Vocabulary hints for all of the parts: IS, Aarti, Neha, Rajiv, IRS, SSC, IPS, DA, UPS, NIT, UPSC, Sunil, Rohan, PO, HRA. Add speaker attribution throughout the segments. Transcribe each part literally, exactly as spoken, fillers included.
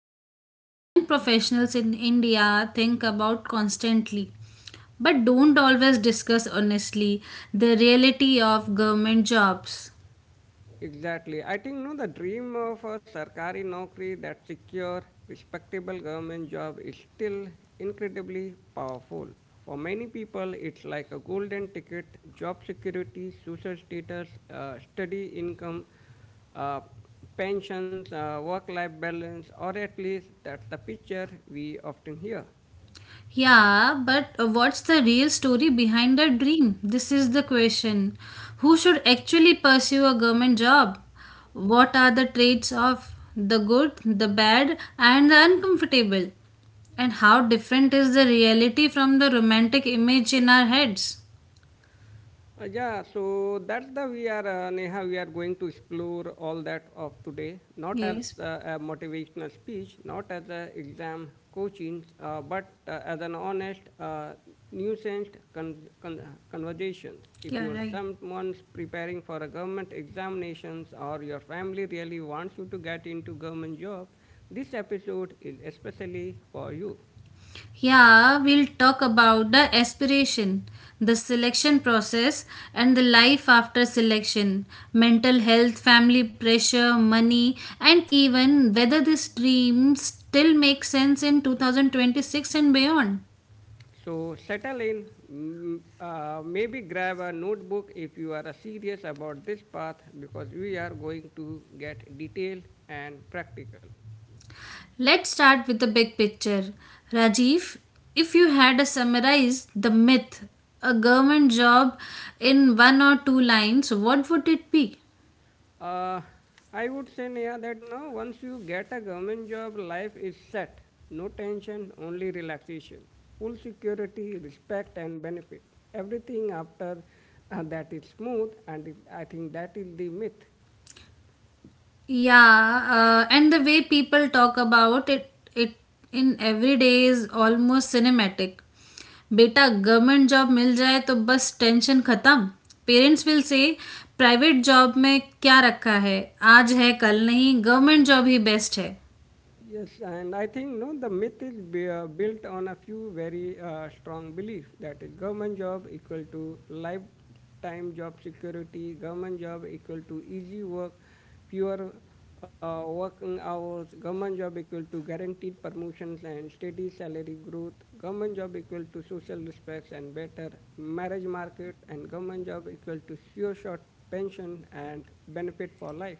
Speaker 1: students, and young professionals in India think about constantly, but don't always discuss honestly: the reality of government jobs.
Speaker 2: Exactly. I think no, the dream of a sarkari naukri, that secure respectable government job, is still incredibly powerful. For many people it's like a golden ticket: job security, social status, uh, steady income, uh, pensions, uh, work life balance, or at least that's the picture we often hear.
Speaker 1: Yeah, but uh, what's the real story behind the dream? This is the question. Who should actually pursue a government job? What are the traits of the good, the bad, and the uncomfortable? And how different is the reality from the romantic image in our heads?
Speaker 2: Uh, yeah, so that's the we are uh, Neha. We are going to explore all that of today, not as
Speaker 1: Yes,
Speaker 2: uh, a motivational speech, not as a exam coaching, uh, but uh, as an honest, uh, nuanced con- con- uh, conversations. If
Speaker 1: you're
Speaker 2: you are
Speaker 1: right.
Speaker 2: someone's preparing for a government examinations or your family really wants you to get into government job, this episode is especially for you.
Speaker 1: Yeah, we'll talk about the aspiration, the selection process, and the life after selection, mental health, family pressure, money, and even whether this dream still makes sense in two thousand twenty-six and beyond.
Speaker 2: So settle in, mm, uh, maybe grab a notebook if you are serious about this path, because we are going to get detailed and practical.
Speaker 1: Let's start with the big picture. Rajiv, if you had to summarize the myth, a government job in one or two lines, what would it be?
Speaker 2: Uh, I would say, Neha, that no, once you get a government job, life is set. No tension, only relaxation. Full security, respect, and benefit. Everything after uh, that is smooth, and I think that is the myth.
Speaker 1: Yeah, uh, and the way people talk about it, it in every day is almost cinematic. बेटा government job मिल जाए तो बस tension खत्म. Parents will say, private job में क्या रखा है, आज है कल नहीं, गवर्नमेंट जॉब ही बेस्ट है.
Speaker 2: Yes, and I think no, the myth is bu- uh, built on a few very uh, strong beliefs. That is, government job equal to lifetime job security, government job equal to easy work, fewer uh, working hours, government job equal to guaranteed promotions and steady salary growth, government job equal to social respects and better marriage market, and government job equal to sure short pension and benefit for life.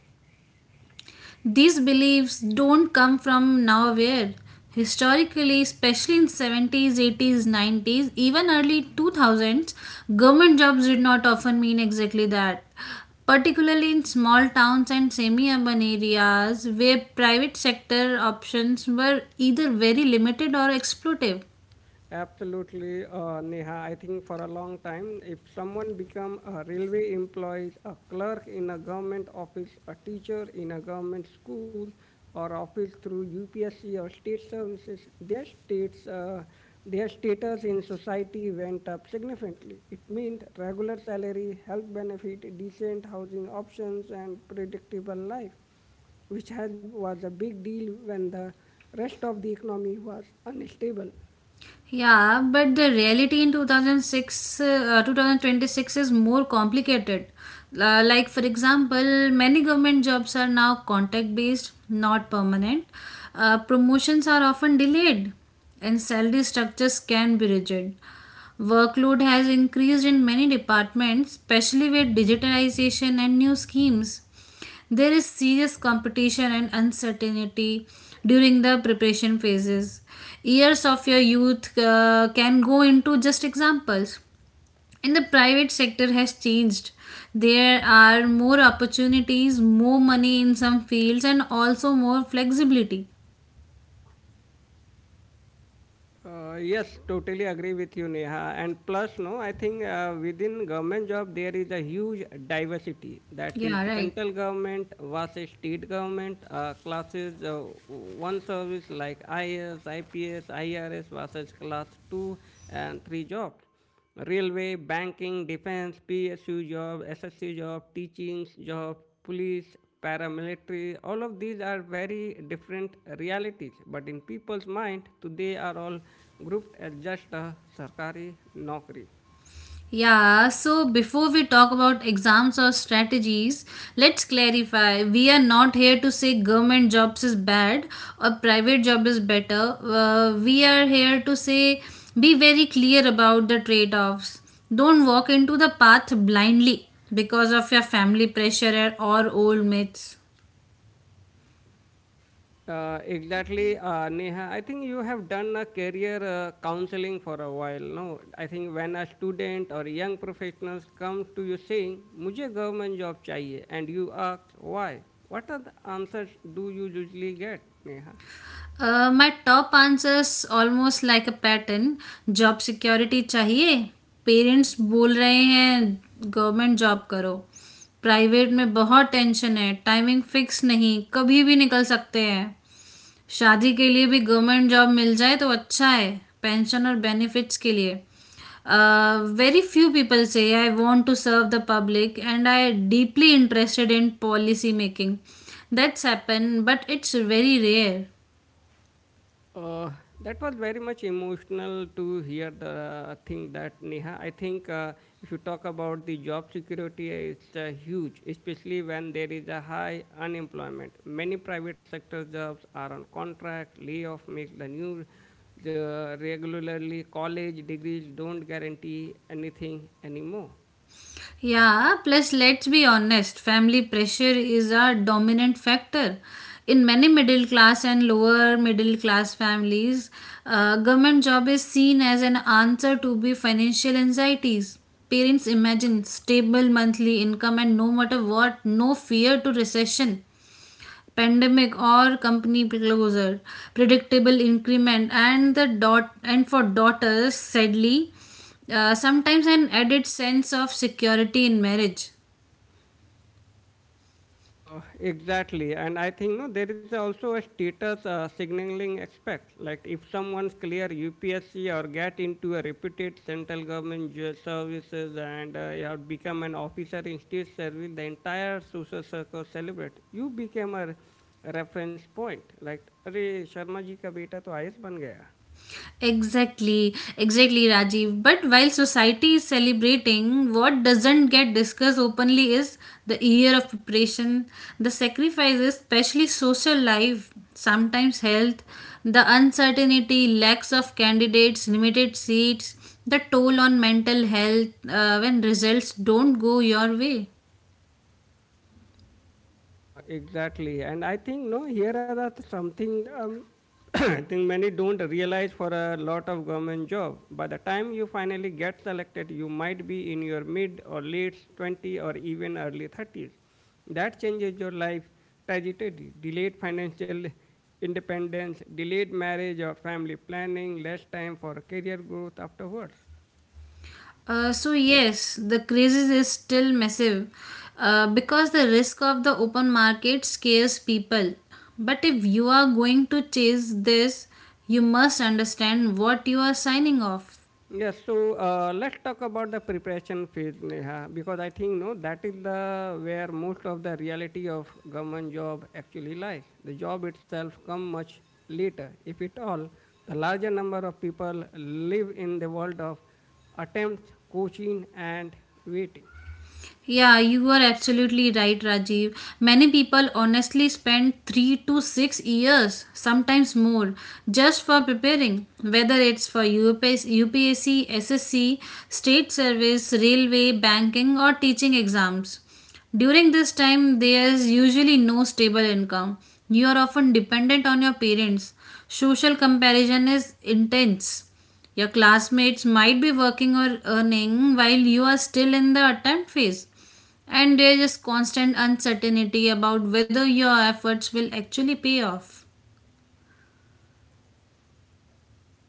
Speaker 1: These beliefs don't come from nowhere. Historically, especially in seventies, eighties, nineties, even early two thousands, government jobs did not often mean exactly that. Particularly in small towns and semi-urban areas where private sector options were either very limited or exploitative.
Speaker 2: Absolutely, uh, Neha. I think for a long time, if someone become a railway employee, a clerk in a government office, a teacher in a government school, or office through U P S C or state services, their states, uh, their status in society went up significantly. It meant regular salary, health benefit, decent housing options, and predictable life, which has, was a big deal when the rest of the economy was unstable.
Speaker 1: Yeah, but the reality in two thousand six, uh, twenty twenty-six is more complicated. Uh, like, for example, many government jobs are now contact based, not permanent. Uh, promotions are often delayed, and salary structures can be rigid. Workload has increased in many departments, especially with digitalization and new schemes. There is serious competition and uncertainty during the preparation phases. Years of your youth uh, can go into just examples. And the private sector has changed. There are more opportunities, more money in some fields, and also more flexibility.
Speaker 2: Uh, yes, totally agree with you, Neha. And plus, no, I think uh, within government job there is a huge diversity. That is
Speaker 1: Yeah, right.
Speaker 2: central government versus state government uh, classes. Uh, one service like I S, I P S, I R S versus class two and three jobs: railway, banking, defense, P S U job, S S C job, teachings job, police, paramilitary. All of these are very different realities, but in people's mind, today are all grouped as just a sarkari nokri.
Speaker 1: Yeah, so before we talk about exams or strategies, let's clarify. We are not here to say government jobs is bad or private job is better. Uh, we are here to say be very clear about the trade offs. Don't walk into the path blindly because of your family pressure or old myths.
Speaker 2: Uh, exactly, uh, Neha. I think you have done a career uh, counseling for a while. No, I think when a student or young professionals comes to you saying, "मुझे government job चाहिए," and you ask why, what are the answers do you usually get, Neha?
Speaker 1: Uh, my top answers almost like a pattern: job security चाहिए, parents बोल रहे हैं government job करो, private में बहुत tension है, टाइमिंग फिक्स नहीं, कभी भी निकल सकते हैं, शादी के लिए भी गवर्नमेंट जॉब मिल जाए तो अच्छा है, पेंशन और बेनिफिट्स के लिए. Very few people say, I want to serve the public and I deeply interested in policy making. That's happen but it's very rare.
Speaker 2: Uh, that was very much emotional to hear the uh, thing that, Neha. I think uh, if you talk about the job security, it's uh, huge, especially when there is a high unemployment. Many private sector jobs are on contract. Layoff makes the new, the regularly college degrees don't guarantee anything anymore.
Speaker 1: Yeah, plus let's be honest, family pressure is a dominant factor. In many middle class and lower middle class families, uh, government job is seen as an answer to be financial anxieties. Parents imagine stable monthly income and no matter what, no fear to recession, pandemic or company closure, predictable increment and the dot, and for daughters sadly, uh, sometimes an added sense of security in marriage.
Speaker 2: Uh, exactly, and I think no, there is also a status uh, signaling aspect. Like if someone's clear U P S C or get into a reputed central government ju- services, and uh, you have become an officer in state service, the entire social circle celebrate. You became a re- a reference point. Like, अरे शर्मा जी का बेटा तो IAS बन गया.
Speaker 1: Exactly, exactly, Rajiv. But while society is celebrating, what doesn't get discussed openly is the year of preparation, the sacrifices, especially social life, sometimes health, the uncertainty, lacks of candidates, limited seats, the toll on mental health uh, when results don't go your way.
Speaker 2: Uh, exactly, and I think no, here are the something um, I think many don't realize for a lot of government job. By the time you finally get selected, you might be in your mid or late twenty or even early thirties. That changes your life trajectory: delayed financial independence, delayed marriage or family planning, less time for career growth afterwards.
Speaker 1: Uh, so yes, the crisis is still massive uh, because the risk of the open market scares people. But if you are going to chase this, you must understand what you are signing off.
Speaker 2: Yes, so uh, let's talk about the preparation phase, Neha, because I think no, that is the where most of the reality of government job actually lies. The job itself come much later, if at all. The larger number of people live in the world of attempts, coaching, and waiting.
Speaker 1: Yeah, you are absolutely right, Rajiv. Many people honestly spend three to six years, sometimes more, just for preparing, whether it's for U P S, U P S C, S S C, state service, railway, banking, or teaching exams. During this time, there is usually no stable income. You are often dependent on your parents. Social comparison is intense. Your classmates might be working or earning while you are still in the attempt phase. And there is constant uncertainty about whether your efforts will actually pay off.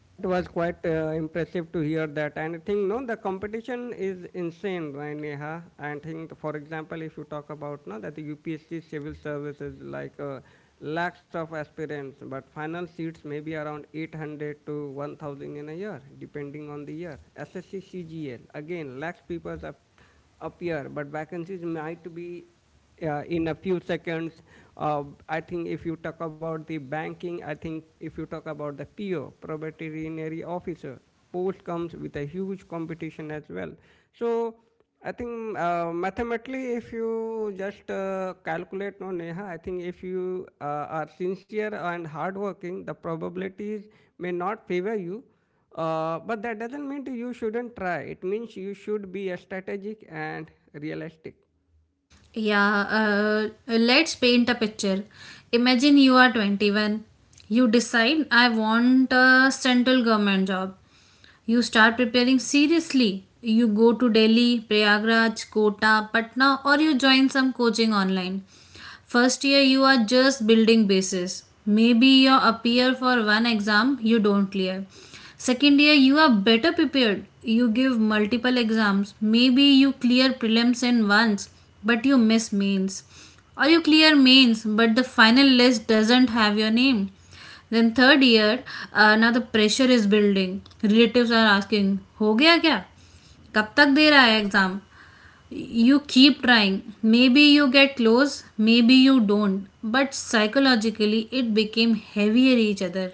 Speaker 2: That was quite uh, impressive to hear that. And I think, no, the competition is insane, right, Neha? And I think, for example, if you talk about no, that the U P S C civil services, like uh, lakhs of aspirants, but final seats may be around eight hundred to one thousand in a year, depending on the year. S S C C G L, again, lakhs people ap- appear, but vacancies might be uh, in a few seconds. Uh, I think if you talk about the banking, I think if you talk about the P O, probatory officer, post comes with a huge competition as well. So I think uh, mathematically, if you just uh, calculate, no, Neha, I think if you uh, are sincere and hardworking, the probabilities may not favor you. Uh, but that doesn't mean you shouldn't try. It means you should be uh, strategic and realistic.
Speaker 1: Yeah, uh, let's paint a picture. Imagine you are twenty-one. You decide, I want a central government job. You start preparing seriously. You go to Delhi, Prayagraj, Kota, Patna, or you join some coaching online. First year you are just building bases. Maybe you appear for one exam you don't clear. Second year you are better prepared. You give multiple exams. Maybe you clear prelims in once but you miss mains. Or you clear mains but the final list doesn't have your name. Then third year, uh, now the pressure is building. Relatives are asking, हो गया क्या, कब तक दे रहा है exam. You keep trying, maybe you get close, maybe you don't, but psychologically it became heavier each other.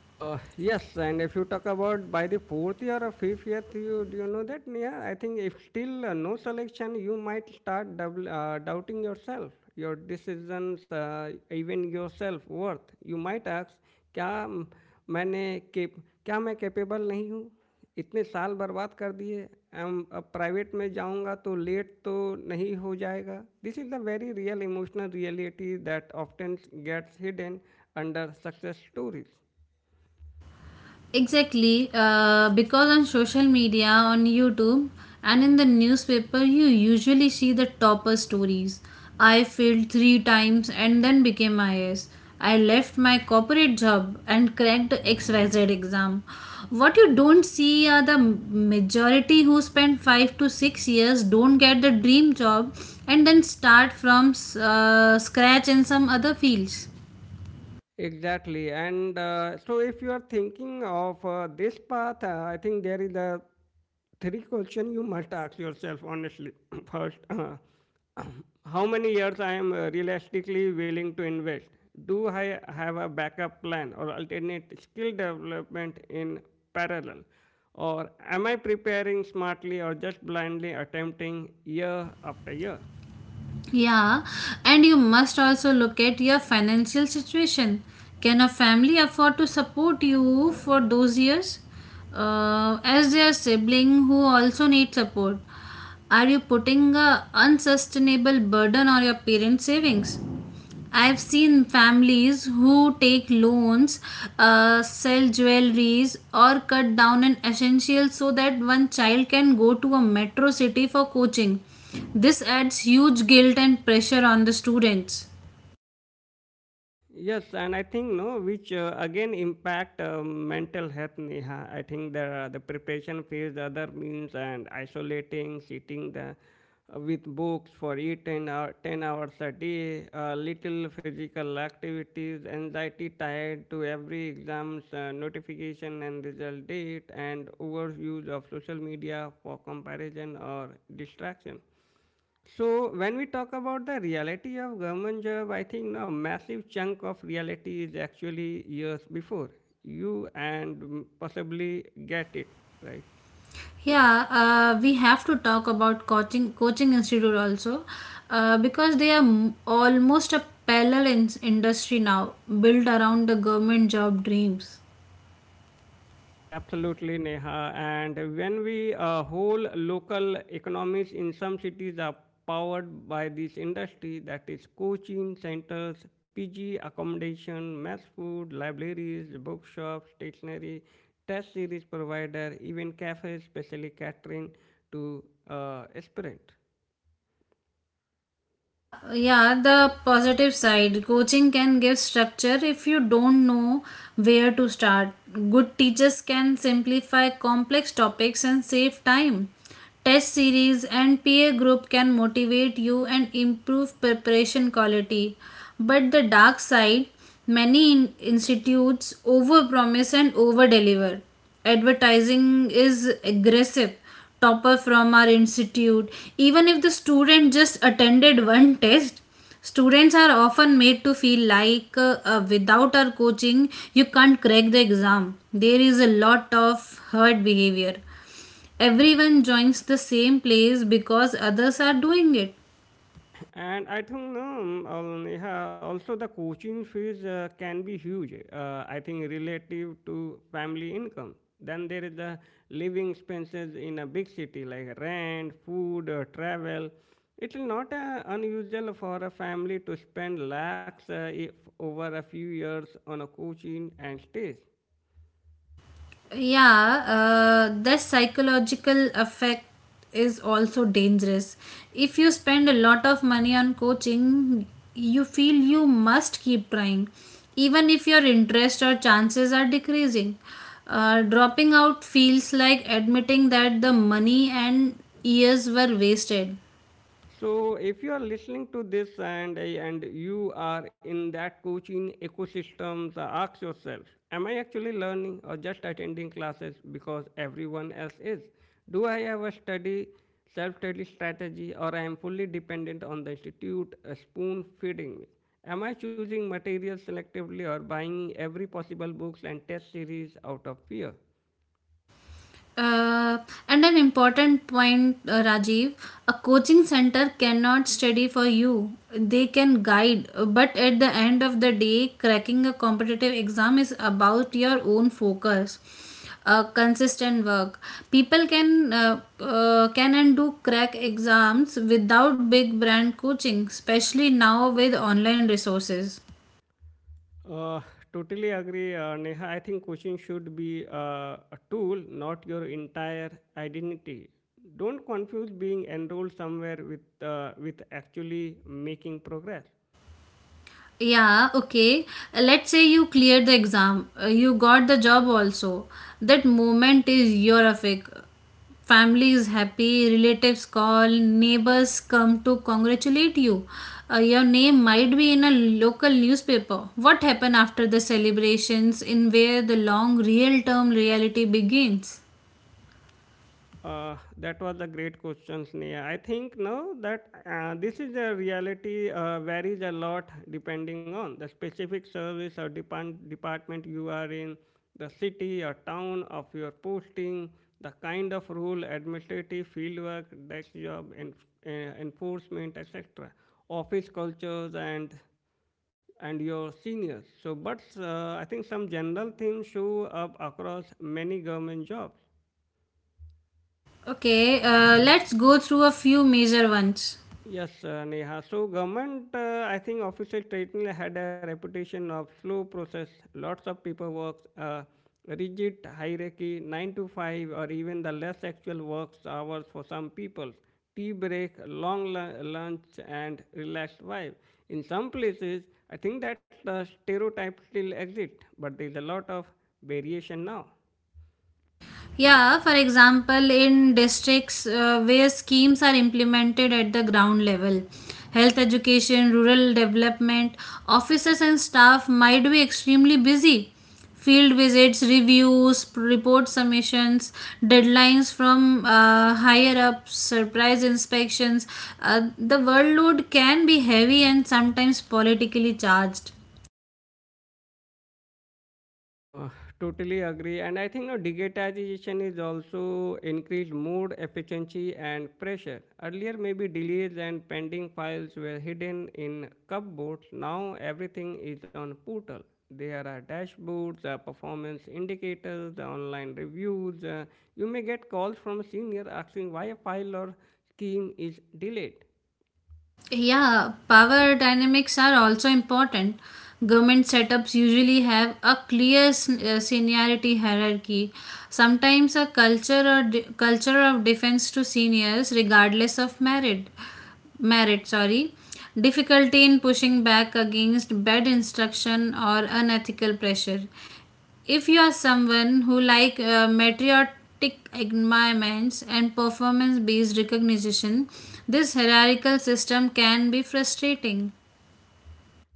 Speaker 2: Uh, yes, and if you talk about by the fourth year or fifth year, you do you know that? Yeah, I think if still uh, no selection, you might start doubl- uh, doubting yourself, your decisions, uh, even your self worth. You might ask, क्या म- मैंने के क्या मैं capable नहीं हूँ, इतने साल बर्बाद कर दिए, एम अब प्राइवेट में जाऊंगा तो लेट तो नहीं हो जाएगा. This is the very real emotional reality that often gets hidden under success stories.
Speaker 1: Exactly, uh, because on social media, on YouTube, and in the newspaper, you usually see the topper stories. I failed three times and then became I S. I left my corporate job and cracked X Y Z exam. What you don't see are the majority who spend five to six years don't get the dream job and then start from uh, scratch in some other fields.
Speaker 2: Exactly. And uh, so, if you are thinking of uh, this path, uh, I think there is a three question you must ask yourself honestly. First, uh, how many years I am uh, realistically willing to invest? Do I have a backup plan or alternate skill development in parallel? Or am I preparing smartly, or just blindly attempting year after year?
Speaker 1: Yeah, and you must also look at your financial situation. Can a family afford to support you for those years? Uh, as their sibling who also need support, are you putting a unsustainable burden on your parents' savings? I've seen families who take loans, uh, sell jewelries, or cut down on essentials so that one child can go to a metro city for coaching. This adds huge guilt and pressure on the students.
Speaker 2: Yes, and I think no, which uh, again impact uh, mental health. Neha, I think the the preparation phase, other means, and isolating, sitting the uh, with books for eight ten hour ten hours a day, uh, little physical activities, anxiety tied to every exams uh, notification and result date, and overuse of social media for comparison or distraction. So when we talk about the reality of government job, I think now massive chunk of reality is actually years before you and mm, possibly get it right.
Speaker 1: Yeah, uh, we have to talk about coaching coaching institute also, uh, because they are m- almost a parallel in- industry now, built around the government job dreams.
Speaker 2: Absolutely, Neha. And when we uh, whole local economies in some cities are powered by this industry, that is coaching centers, P G accommodation, mass food, libraries, bookshops, stationery, test series provider, even cafes, specially catering to uh, aspirant.
Speaker 1: Uh, yeah, the positive side. Coaching can give structure if you don't know where to start. Good teachers can simplify complex topics and save time. Test series and peer group can motivate you and improve preparation quality. But the dark side, many in- institutes overpromise and overdeliver. Advertising is aggressive, topper from our institute even if the student just attended one test. Students are often made to feel like uh, uh, without our coaching you can't crack the exam. There is a lot of herd behavior, everyone joins the same place because others are doing it.
Speaker 2: And I think no, um, um, yeah, also the coaching fees uh, can be huge. Uh, I think relative to family income. Then there is the living expenses in a big city like rent, food, uh, travel. It's not uh, unusual for a family to spend lakhs uh, if over a few years on a coaching and stays.
Speaker 1: Yeah, uh, that psychological effect is also dangerous. If you spend a lot of money on coaching, you feel you must keep trying even if your interest or chances are decreasing. Uh, dropping out feels like admitting that the money and years were wasted.
Speaker 2: So, if you are listening to this and and you are in that coaching ecosystem, so ask yourself: Am I actually learning, or just attending classes because everyone else is? Do I have a study self-study strategy, or I am fully dependent on the institute uh, spoon feeding me? Am I choosing material selectively, or buying every possible books and test series out of fear?
Speaker 1: Uh, and an important point, uh, Rajiv, a coaching center cannot study for you. They can guide, uh, but at the end of the day, cracking a competitive exam is about your own focus. Uh, consistent work. People can uh, uh, can and do crack exams without big brand coaching, especially now with online resources.
Speaker 2: Uh, Totally agree, uh, Neha. I think coaching should be uh, a tool, not your entire identity. Don't confuse being enrolled somewhere with uh, with actually making progress.
Speaker 1: Yeah, okay. Let's say you cleared the exam, uh, you got the job also. That moment is your epic. Family is happy, relatives call, neighbors come to congratulate you. Uh, your name might be in a local newspaper. What happened after the celebrations in where the long real term reality begins?
Speaker 2: Uh, that was a great question, Sneha. I think now that uh, this is a reality uh, varies a lot depending on the specific service or depart- department you are in, the city or town of your posting, the kind of role, administrative fieldwork, desk job, en- eh, enforcement, et cetera. Office cultures and and your seniors. So, but uh, I think some general themes show up across many government jobs.
Speaker 1: Okay, uh, let's go through a few major ones.
Speaker 2: Yes, uh, Neha. So, government, uh, I think official traditionally had a reputation of slow process, lots of paperwork, uh, rigid hierarchy, nine to five, or even the less actual work hours for some people, tea break, long lu- lunch, and relaxed vibe. In some places, I think that the stereotype still exists, but there is a lot of variation now.
Speaker 1: Yeah, for example, in districts uh, where schemes are implemented at the ground level, health education, rural development, officers and staff might be extremely busy. Field visits, reviews, report submissions, deadlines from uh, higher ups, surprise inspections. Uh, the workload can be heavy and sometimes politically charged.
Speaker 2: Uh, Totally agree. And I think no, digitization is also increased mood efficiency and pressure. Earlier, maybe delays and pending files were hidden in cupboards. Now, everything is on portal. There are dashboards, uh, performance indicators, the online reviews. Uh, you may get calls from a senior asking why a file or scheme is delayed.
Speaker 1: Yeah, power dynamics are also important. Government setups usually have a clear s- uh, seniority hierarchy. Sometimes a culture or de- culture of defense to seniors, regardless of merit. Merit, sorry. Difficulty in pushing back against bad instruction or unethical pressure. If you are someone who like uh, meteoritic environments and performance-based recognition, this hierarchical system can be frustrating.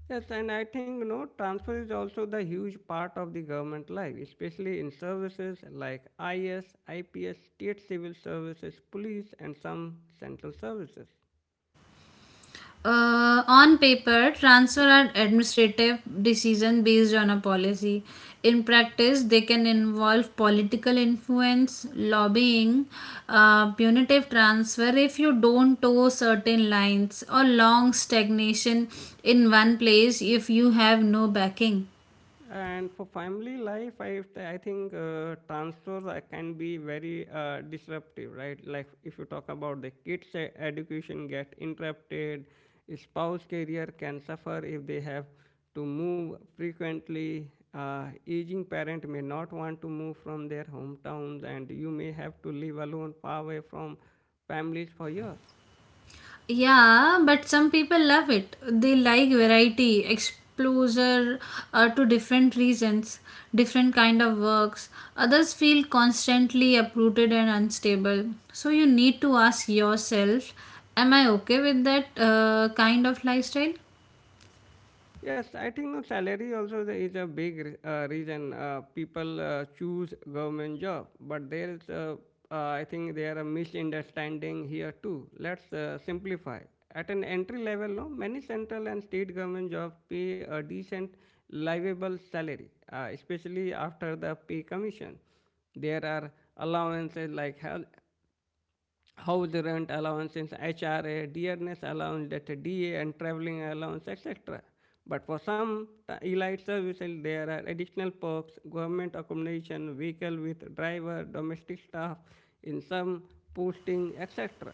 Speaker 2: Yes, and I think you know transfer is also the huge part of the government life, especially in services like I S, I P S, state civil services, police, and some central services.
Speaker 1: Uh, on paper, transfer are administrative decisions based on a policy. In practice, they can involve political influence, lobbying, uh, punitive transfer if you don't toe certain lines, or long stagnation in one place if you have no backing.
Speaker 2: And for family life, I, I think uh, transfers uh, can be very uh, disruptive, right? Like if you talk about the kids' e- education get interrupted, spouse career can suffer if they have to move frequently. Uh, aging parent may not want to move from their hometowns, and you may have to live alone, far away from families for years.
Speaker 1: Yeah, but some people love it. They like variety, exposure uh, to different reasons, different kind of works. Others feel constantly uprooted and unstable. So you need to ask yourself, am I okay with that uh, kind of lifestyle?
Speaker 2: Yes, I think no salary also the- is a big re- uh, reason uh, people uh, choose government job. But there is, uh, uh, I think there are misunderstanding here too. Let's uh, simplify. At an entry level, no, many central and state government jobs pay a decent, livable salary, uh, especially after the pay commission. There are allowances like health, how the rent allowances, H R A, dearness allowance, that D A and traveling allowance, et cetera. But for some elite services, there are additional perks, government accommodation, vehicle with driver, domestic staff, in some posting, et cetera.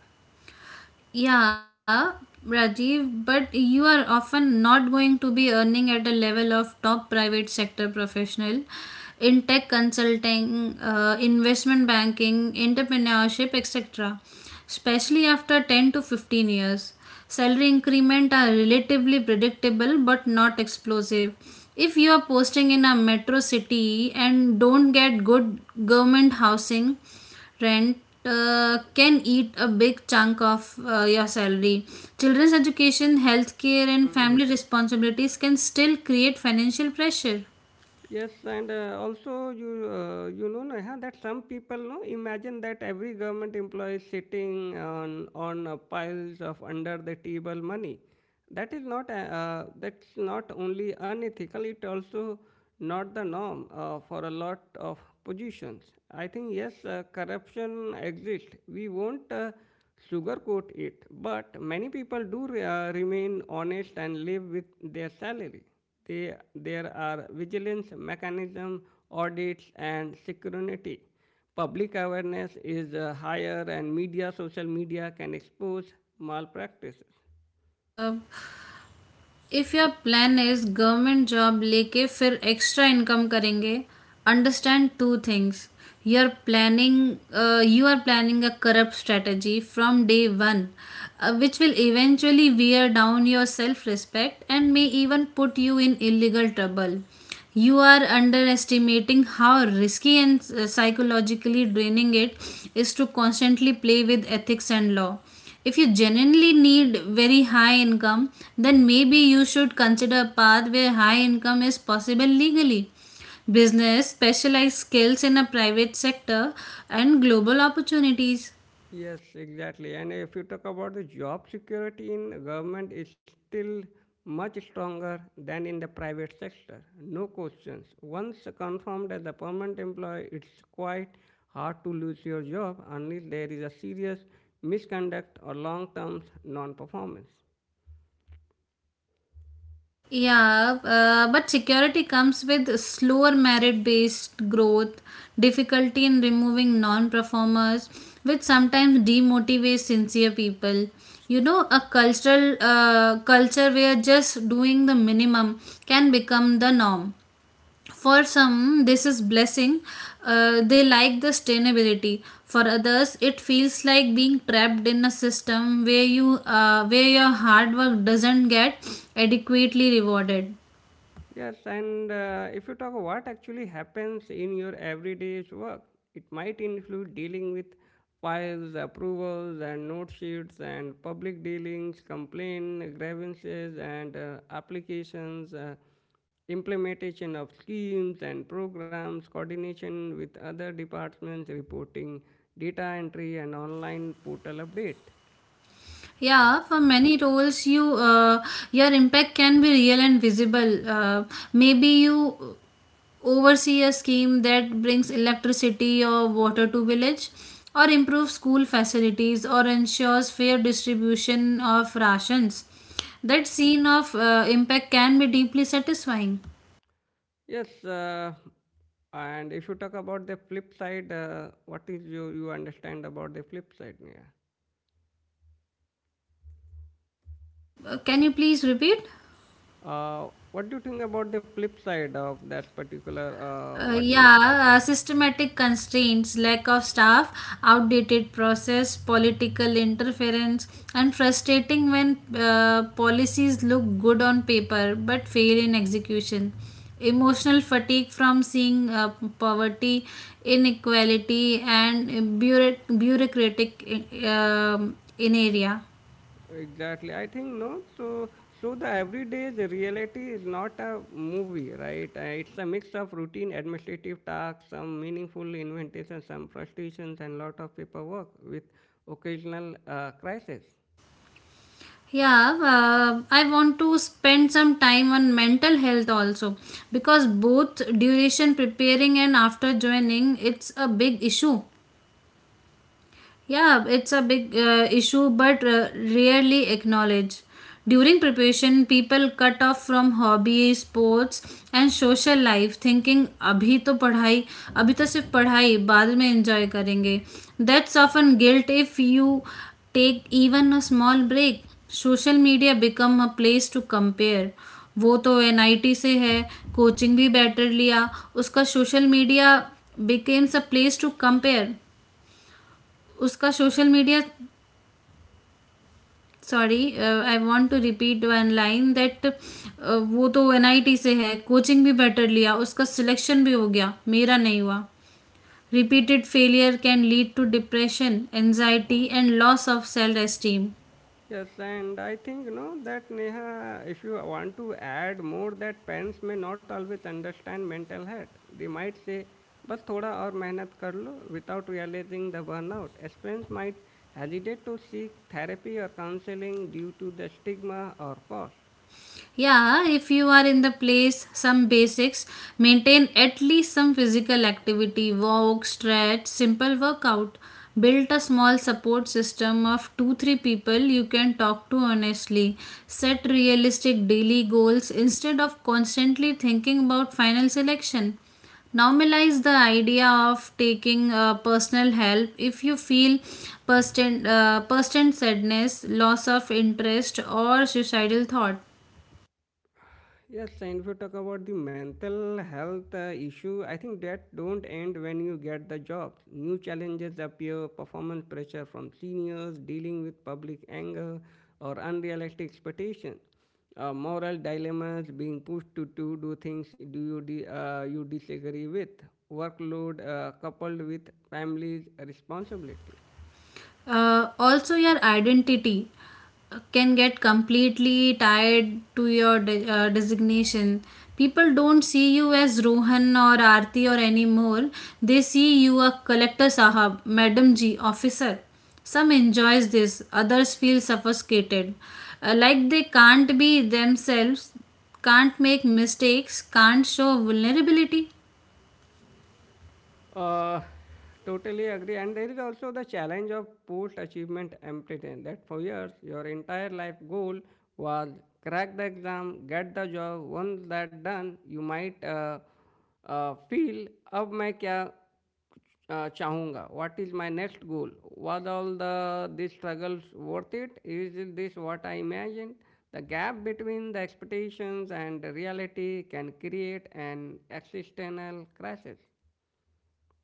Speaker 1: Yeah, Rajiv, but you are often not going to be earning at the level of top private sector professional in tech consulting, uh, investment banking, entrepreneurship, et cetera. Especially after ten to fifteen years. Salary increment are relatively predictable but not explosive. If you are posting in a metro city and don't get good government housing, rent uh, can eat a big chunk of uh, your salary. Children's education, healthcare, and family responsibilities can still create financial pressure.
Speaker 2: Yes, and uh, also you uh, you know Neha, that some people no imagine that every government employee is sitting on on uh, piles of under the table money. That is not a- uh, that's not only unethical; it also not the norm uh, for a lot of positions. I think yes, uh, corruption exists. We won't. Uh, sugarcoat it, but many people do re- uh, remain honest and live with their salary. They, there are vigilance mechanism, audits, and security. Public awareness is uh, higher, and media, social media, can expose malpractices.
Speaker 1: Uh, if your plan is government job लेके फिर extra income करेंगे, understand two things. You are planning you are planning a corrupt strategy from day one which will eventually wear down your self respect and may even put you in illegal trouble. You are underestimating how risky and uh, psychologically draining it is to constantly play with ethics and law. If you genuinely need very high income, then maybe you should consider a path where high income is possible legally: business, specialized skills in a private sector, and global opportunities.
Speaker 2: Yes, exactly. And if you talk about the job security in government is still much stronger than in the private sector. No questions. Once confirmed as a permanent employee, it's quite hard to lose your job unless there is a serious misconduct or long-term non-performance.
Speaker 1: Yeah, uh, but security comes with slower merit based growth, difficulty in removing non performers, which sometimes demotivates sincere people. You know, a cultural uh, culture where just doing the minimum can become the norm. For some this is blessing, uh, they like the sustainability. For others it feels like being trapped in a system where you uh, where your hard work doesn't get adequately rewarded.
Speaker 2: Yes, and uh, if you talk what actually happens in your everyday's work, it might include dealing with files, approvals, and note sheets, and public dealings, complaint, grievances, and uh, applications, uh, implementation of schemes and programs, coordination with other departments, reporting, data entry, and online portal update.
Speaker 1: Yeah, for many roles, you uh, your impact can be real and visible. Uh, maybe you oversee a scheme that brings electricity or water to village, or improves school facilities, or ensures fair distribution of rations. That scene of uh, impact can be deeply satisfying.
Speaker 2: Yes, uh, and if you talk about the flip side, uh, what is you you understand about the flip side? Yeah.
Speaker 1: Uh, can you please repeat?
Speaker 2: Uh, what do you think about the flip side of that particular? Uh,
Speaker 1: Uh,
Speaker 2: what do you
Speaker 1: yeah, uh, systematic constraints, lack of staff, outdated process, political interference, and frustrating when uh, policies look good on paper but fail in execution. Emotional fatigue from seeing uh, poverty, inequality, and bureau- bureaucratic uh, um, in area.
Speaker 2: exactly? I think no. So so the everyday the reality is not a movie, right? Uh, it's a mix of routine administrative tasks, some meaningful inventions, some frustrations, and lot of paperwork with occasional uh, crisis.
Speaker 1: Yeah, uh, I want to spend some time on mental health also, because both duration preparing and after joining it's a big issue. Yeah, it's a big uh, issue, but uh, rarely acknowledged. During preparation, people cut off from hobby, sports, and social life, thinking अभी तो पढ़ाई, अभी तो सिर्फ पढ़ाई बाद में enjoy करेंगे. That's often guilt if you take even a small break. Social media become a place to compare. वो तो एनआईटी से है, कोचिंग भी बेटर लिया. उसका social media becomes a place to compare उसका social media sorry, I want to repeat one line that. वो तो एनआईटी से है, कोचिंग भी बेटर लिया, उसका सिलेक्शन भी हो गया, मेरा नहीं हुआ. Repeated failure can lead to depression, anxiety, and loss of self esteem.
Speaker 2: Yes, and I think you know that Neha, if you want to add more, that parents may not always understand mental health. They might say, "बस थोड़ा और मेहनत कर लो," without realizing the burnout. As parents might hesitate to seek therapy or counseling due to the stigma or cost.
Speaker 1: Yeah, if you are in the place, some basics: maintain at least some physical activity, walk, stretch, simple workout. Build a small support system of two three people you can talk to honestly. Set realistic daily goals instead of constantly thinking about final selection. Normalize the idea of taking uh, personal help if you feel persistent, uh, persistent sadness, loss of interest, or suicidal thought.
Speaker 2: Yes, and if you talk about the mental health uh, issue, I think that don't end when you get the job. New challenges appear, performance pressure from seniors, dealing with public anger or unrealistic expectations, uh, moral dilemmas, being pushed to, to do things do you, di- uh, you disagree with, workload uh, coupled with family's responsibilities.
Speaker 1: Uh, also, your identity uh, can get completely tied to your de- uh, designation. People don't see you as Rohan or Aarti or anymore. They see you a collector sahab, madam ji, officer. Some enjoys this, others feel suffocated. Uh, like they can't be themselves, can't make mistakes, can't show vulnerability.
Speaker 2: Uh, Totally agree. And there is also the challenge of post achievement emptiness that for years your entire life goal was crack the exam, get the job. Once that done, you might uh, uh, feel अब मैं क्या uh, चाहूँगा what is my next goal was all the these struggles worth it is this what I imagined the gap between the expectations and the reality can create an existential crisis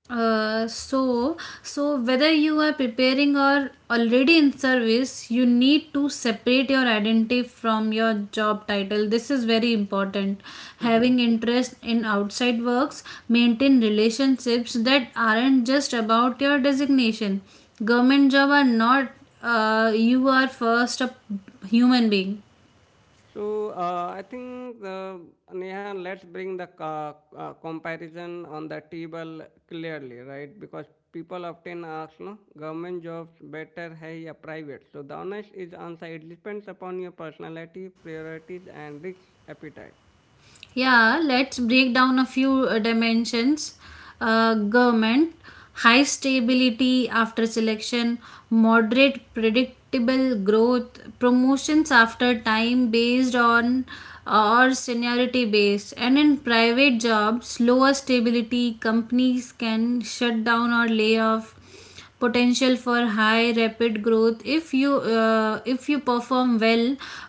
Speaker 1: Uh, so so whether you are preparing or already in service, you need to separate your identity from your job title. This is very important, having interest in outside works, maintain relationships that aren't just about your designation. Government job are not, uh, you are first a human being.
Speaker 2: So uh, I think the Neha, let's bring the co- uh, comparison on the table clearly, right? Because people often ask, no, government jobs better hai ya private? So the honest is answer it depends upon your personality, priorities, and risk appetite.
Speaker 1: Yeah, let's break down a few uh, dimensions. Uh, government: high stability after selection, moderate predictable growth, promotions after time based on uh, or seniority based. And in private jobs, lower stability, companies can shut down or lay off, potential for high rapid growth if you uh, if you perform well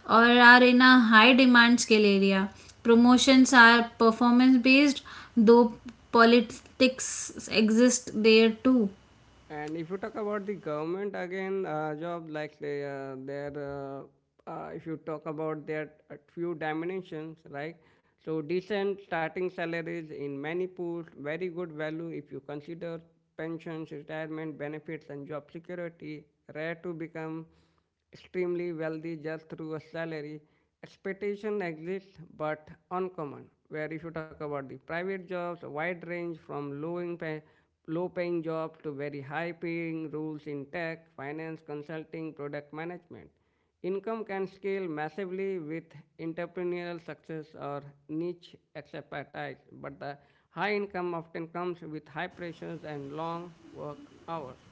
Speaker 1: or are in a high demand skill area. Promotions are performance based, though politics exist there too.
Speaker 2: And if you talk about the government again, uh, job like they, uh, their, uh, uh, if you talk about their uh, few dimensions, right? So decent starting salaries in many pools, very good value if you consider pensions, retirement benefits, and job security. Rare to become extremely wealthy just through a salary. Expectation exists, but uncommon. Where if you talk about the private jobs, wide range from low in pay, low paying jobs to very high paying roles in tech, finance, consulting, product management. Income can scale massively with entrepreneurial success or niche expertise, but the high income often comes with high pressures and long work hours.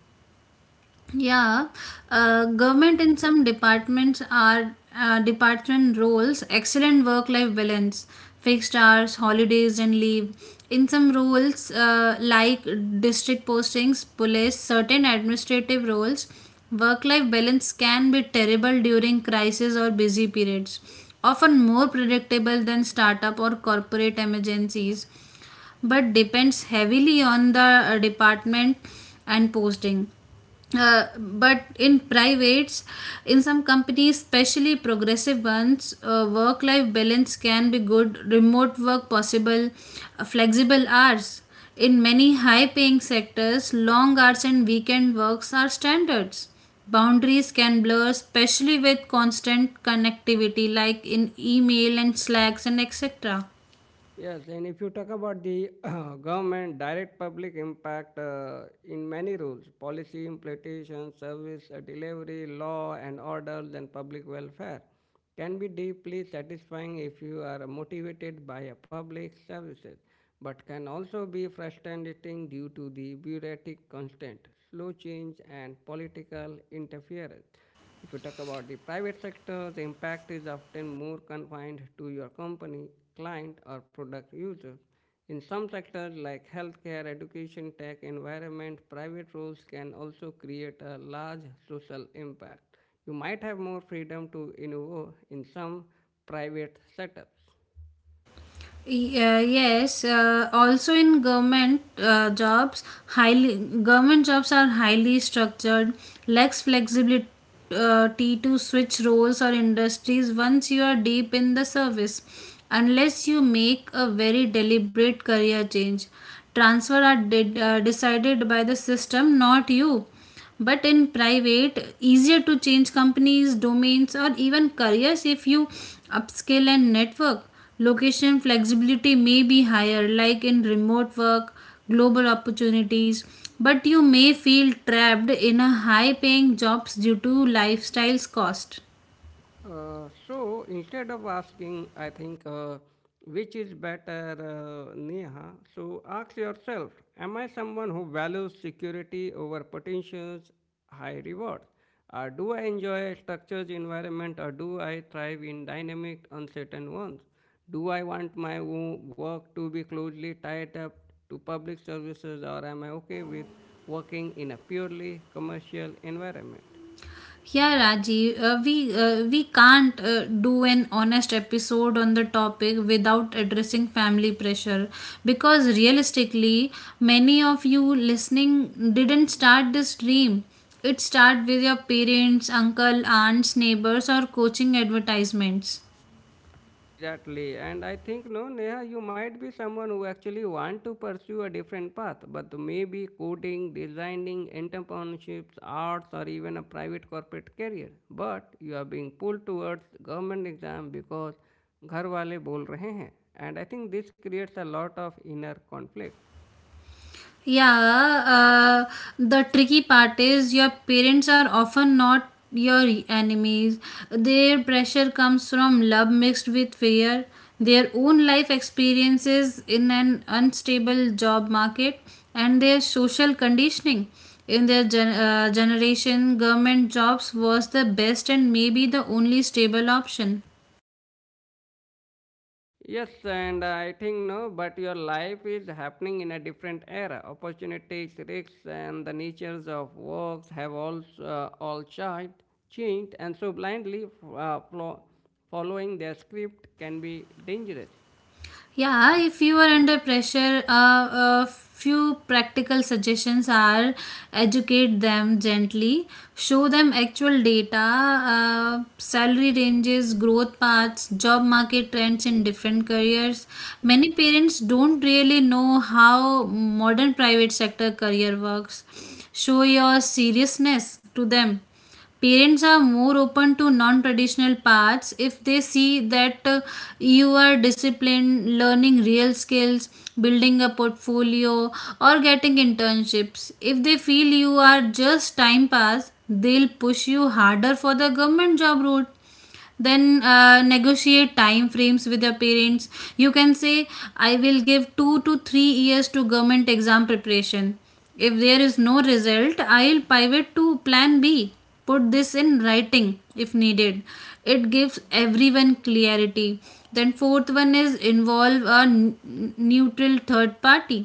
Speaker 1: Yeah, uh, government in some departments are uh, department roles, excellent work life balance, fixed hours, holidays, and leave. In some roles, uh, like district postings, police, certain administrative roles, work life balance can be terrible during crisis or busy periods, often more predictable than startup or corporate emergencies, but depends heavily on the uh, department and posting. Uh, but in privates, in some companies, especially progressive ones, uh, work life balance can be good, remote work possible, uh, flexible hours. In many high paying sectors, long hours and weekend works are standards. Boundaries can blur, especially with constant connectivity like in email and slacks and etc.
Speaker 2: Yes, and if you talk about the government direct public impact uh, in many rules, policy implementation, service uh, delivery, law and order, and public welfare, can be deeply satisfying if you are motivated by a public services but can also be frustrating due to the bureaucratic constant, slow change, and political interference. If you talk about the private sector, the impact is often more confined to your company, client, or product users. In some sectors like healthcare, education, tech, environment, private roles can also create a large social impact. You might have more freedom to innovate in some private setups.
Speaker 1: Yeah, yes. Uh, also, in government uh, jobs, highly government jobs are highly structured, lacks flexibility uh, to switch roles or industries once you are deep in the service, unless you make a very deliberate career change. Transfer are did, uh, decided by the system, not you. But in private, easier to change companies, domains, or even careers if you upskill and network. Location flexibility may be higher, like in remote work, global opportunities. But you may feel trapped in a high paying jobs due to lifestyles cost.
Speaker 2: Uh, so instead of asking, I think, uh, which is better, uh, Neha, so ask yourself, am I someone who values security over potentials, high rewards? Uh, do I enjoy a structured environment or do I thrive in dynamic, uncertain ones? Do I want my wo- work to be closely tied up to public services or am I okay with working in a purely commercial environment?
Speaker 1: Yeah, Rajiv, uh, we uh, we can't uh, do an honest episode on the topic without addressing family pressure, because realistically, many of you listening didn't start this dream. It started with your parents, uncle, aunts, neighbors, or coaching advertisements.
Speaker 2: Exactly, and I think no, Neha, you might be someone who actually want to pursue a different path, but maybe coding, designing, entrepreneurships, arts, or even a private corporate career. But you are being pulled towards government exam because घर वाले बोल रहे हैं, and I think this creates a lot of inner conflict.
Speaker 1: Yeah, uh, the tricky part is your parents are often not your enemies. Their pressure comes from love mixed with fear, their own life experiences in an unstable job market, and their social conditioning. In their gen- uh, generation, government jobs was the best and maybe the only stable option.
Speaker 2: Yes, and I think no, but your life is happening in a different era. Opportunities, risks, and the natures of works have all uh, all changed, changed, and so blindly uh, flo- following their script can be dangerous.
Speaker 1: Yeah, if you are under pressure, uh, a few practical suggestions are: educate them gently, show them actual data, uh, salary ranges, growth paths, job market trends in different careers. Many parents don't really know how modern private sector career works. Show your seriousness to them. Parents are more open to non-traditional paths if they see that uh, you are disciplined, learning real skills, building a portfolio, or getting internships. If they feel you are just time pass, they'll push you harder for the government job route. Then uh, negotiate time frames with your parents. You can say, I will give two to three years to government exam preparation. If there is no result, I'll pivot to plan b. Put this in writing if needed, it gives everyone clarity. Then fourth one is involve a n- neutral third party.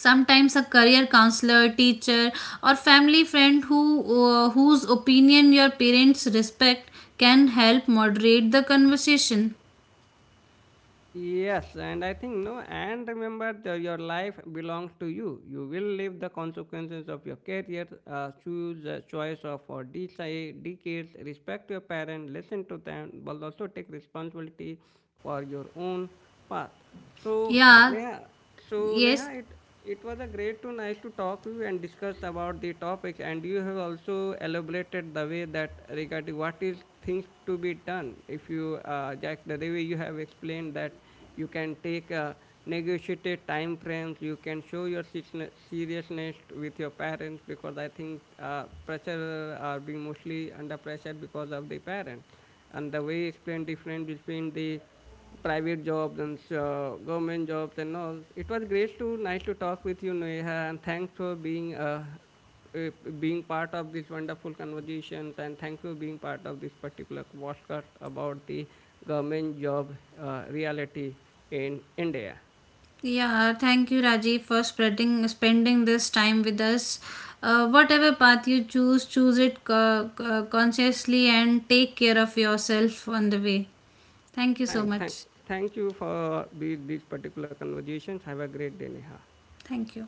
Speaker 1: Sometimes a career counselor, teacher, or family friend who uh, whose opinion your parents respect can help moderate the conversation.
Speaker 2: Yes, and I think no, and remember that your life belongs to you. You will live the consequences of your career, uh, choose the choice of for decide, decades, respect your parents, listen to them, but also take responsibility for your own path. So
Speaker 1: Yeah.
Speaker 2: Neha, so
Speaker 1: Yes.
Speaker 2: Neha, it it was a great to nice to talk you and discuss about the topic, and you have also elaborated the way that regarding what is things to be done. If you, uh, Jack, the way you have explained that you can take a negotiated time frames, you can show your seriousne- seriousness with your parents because I think uh, pressure are being mostly under pressure because of the parents, and the way you explain difference between the private jobs and uh, government jobs and all. It was great to nice to talk with you, Neha, and thanks for being uh, uh, being part of this wonderful conversations and thanks for being part of this particular podcast about the government job uh, reality in India.
Speaker 1: Yeah, thank you Rajiv for spreading spending this time with us. Uh, whatever path you choose, choose it co- co- consciously and take care of yourself on the way. Thank you so
Speaker 2: Thanks, thank,
Speaker 1: much.
Speaker 2: Thank you for the, these particular conversations. Have a great day, Neha.
Speaker 1: Thank you.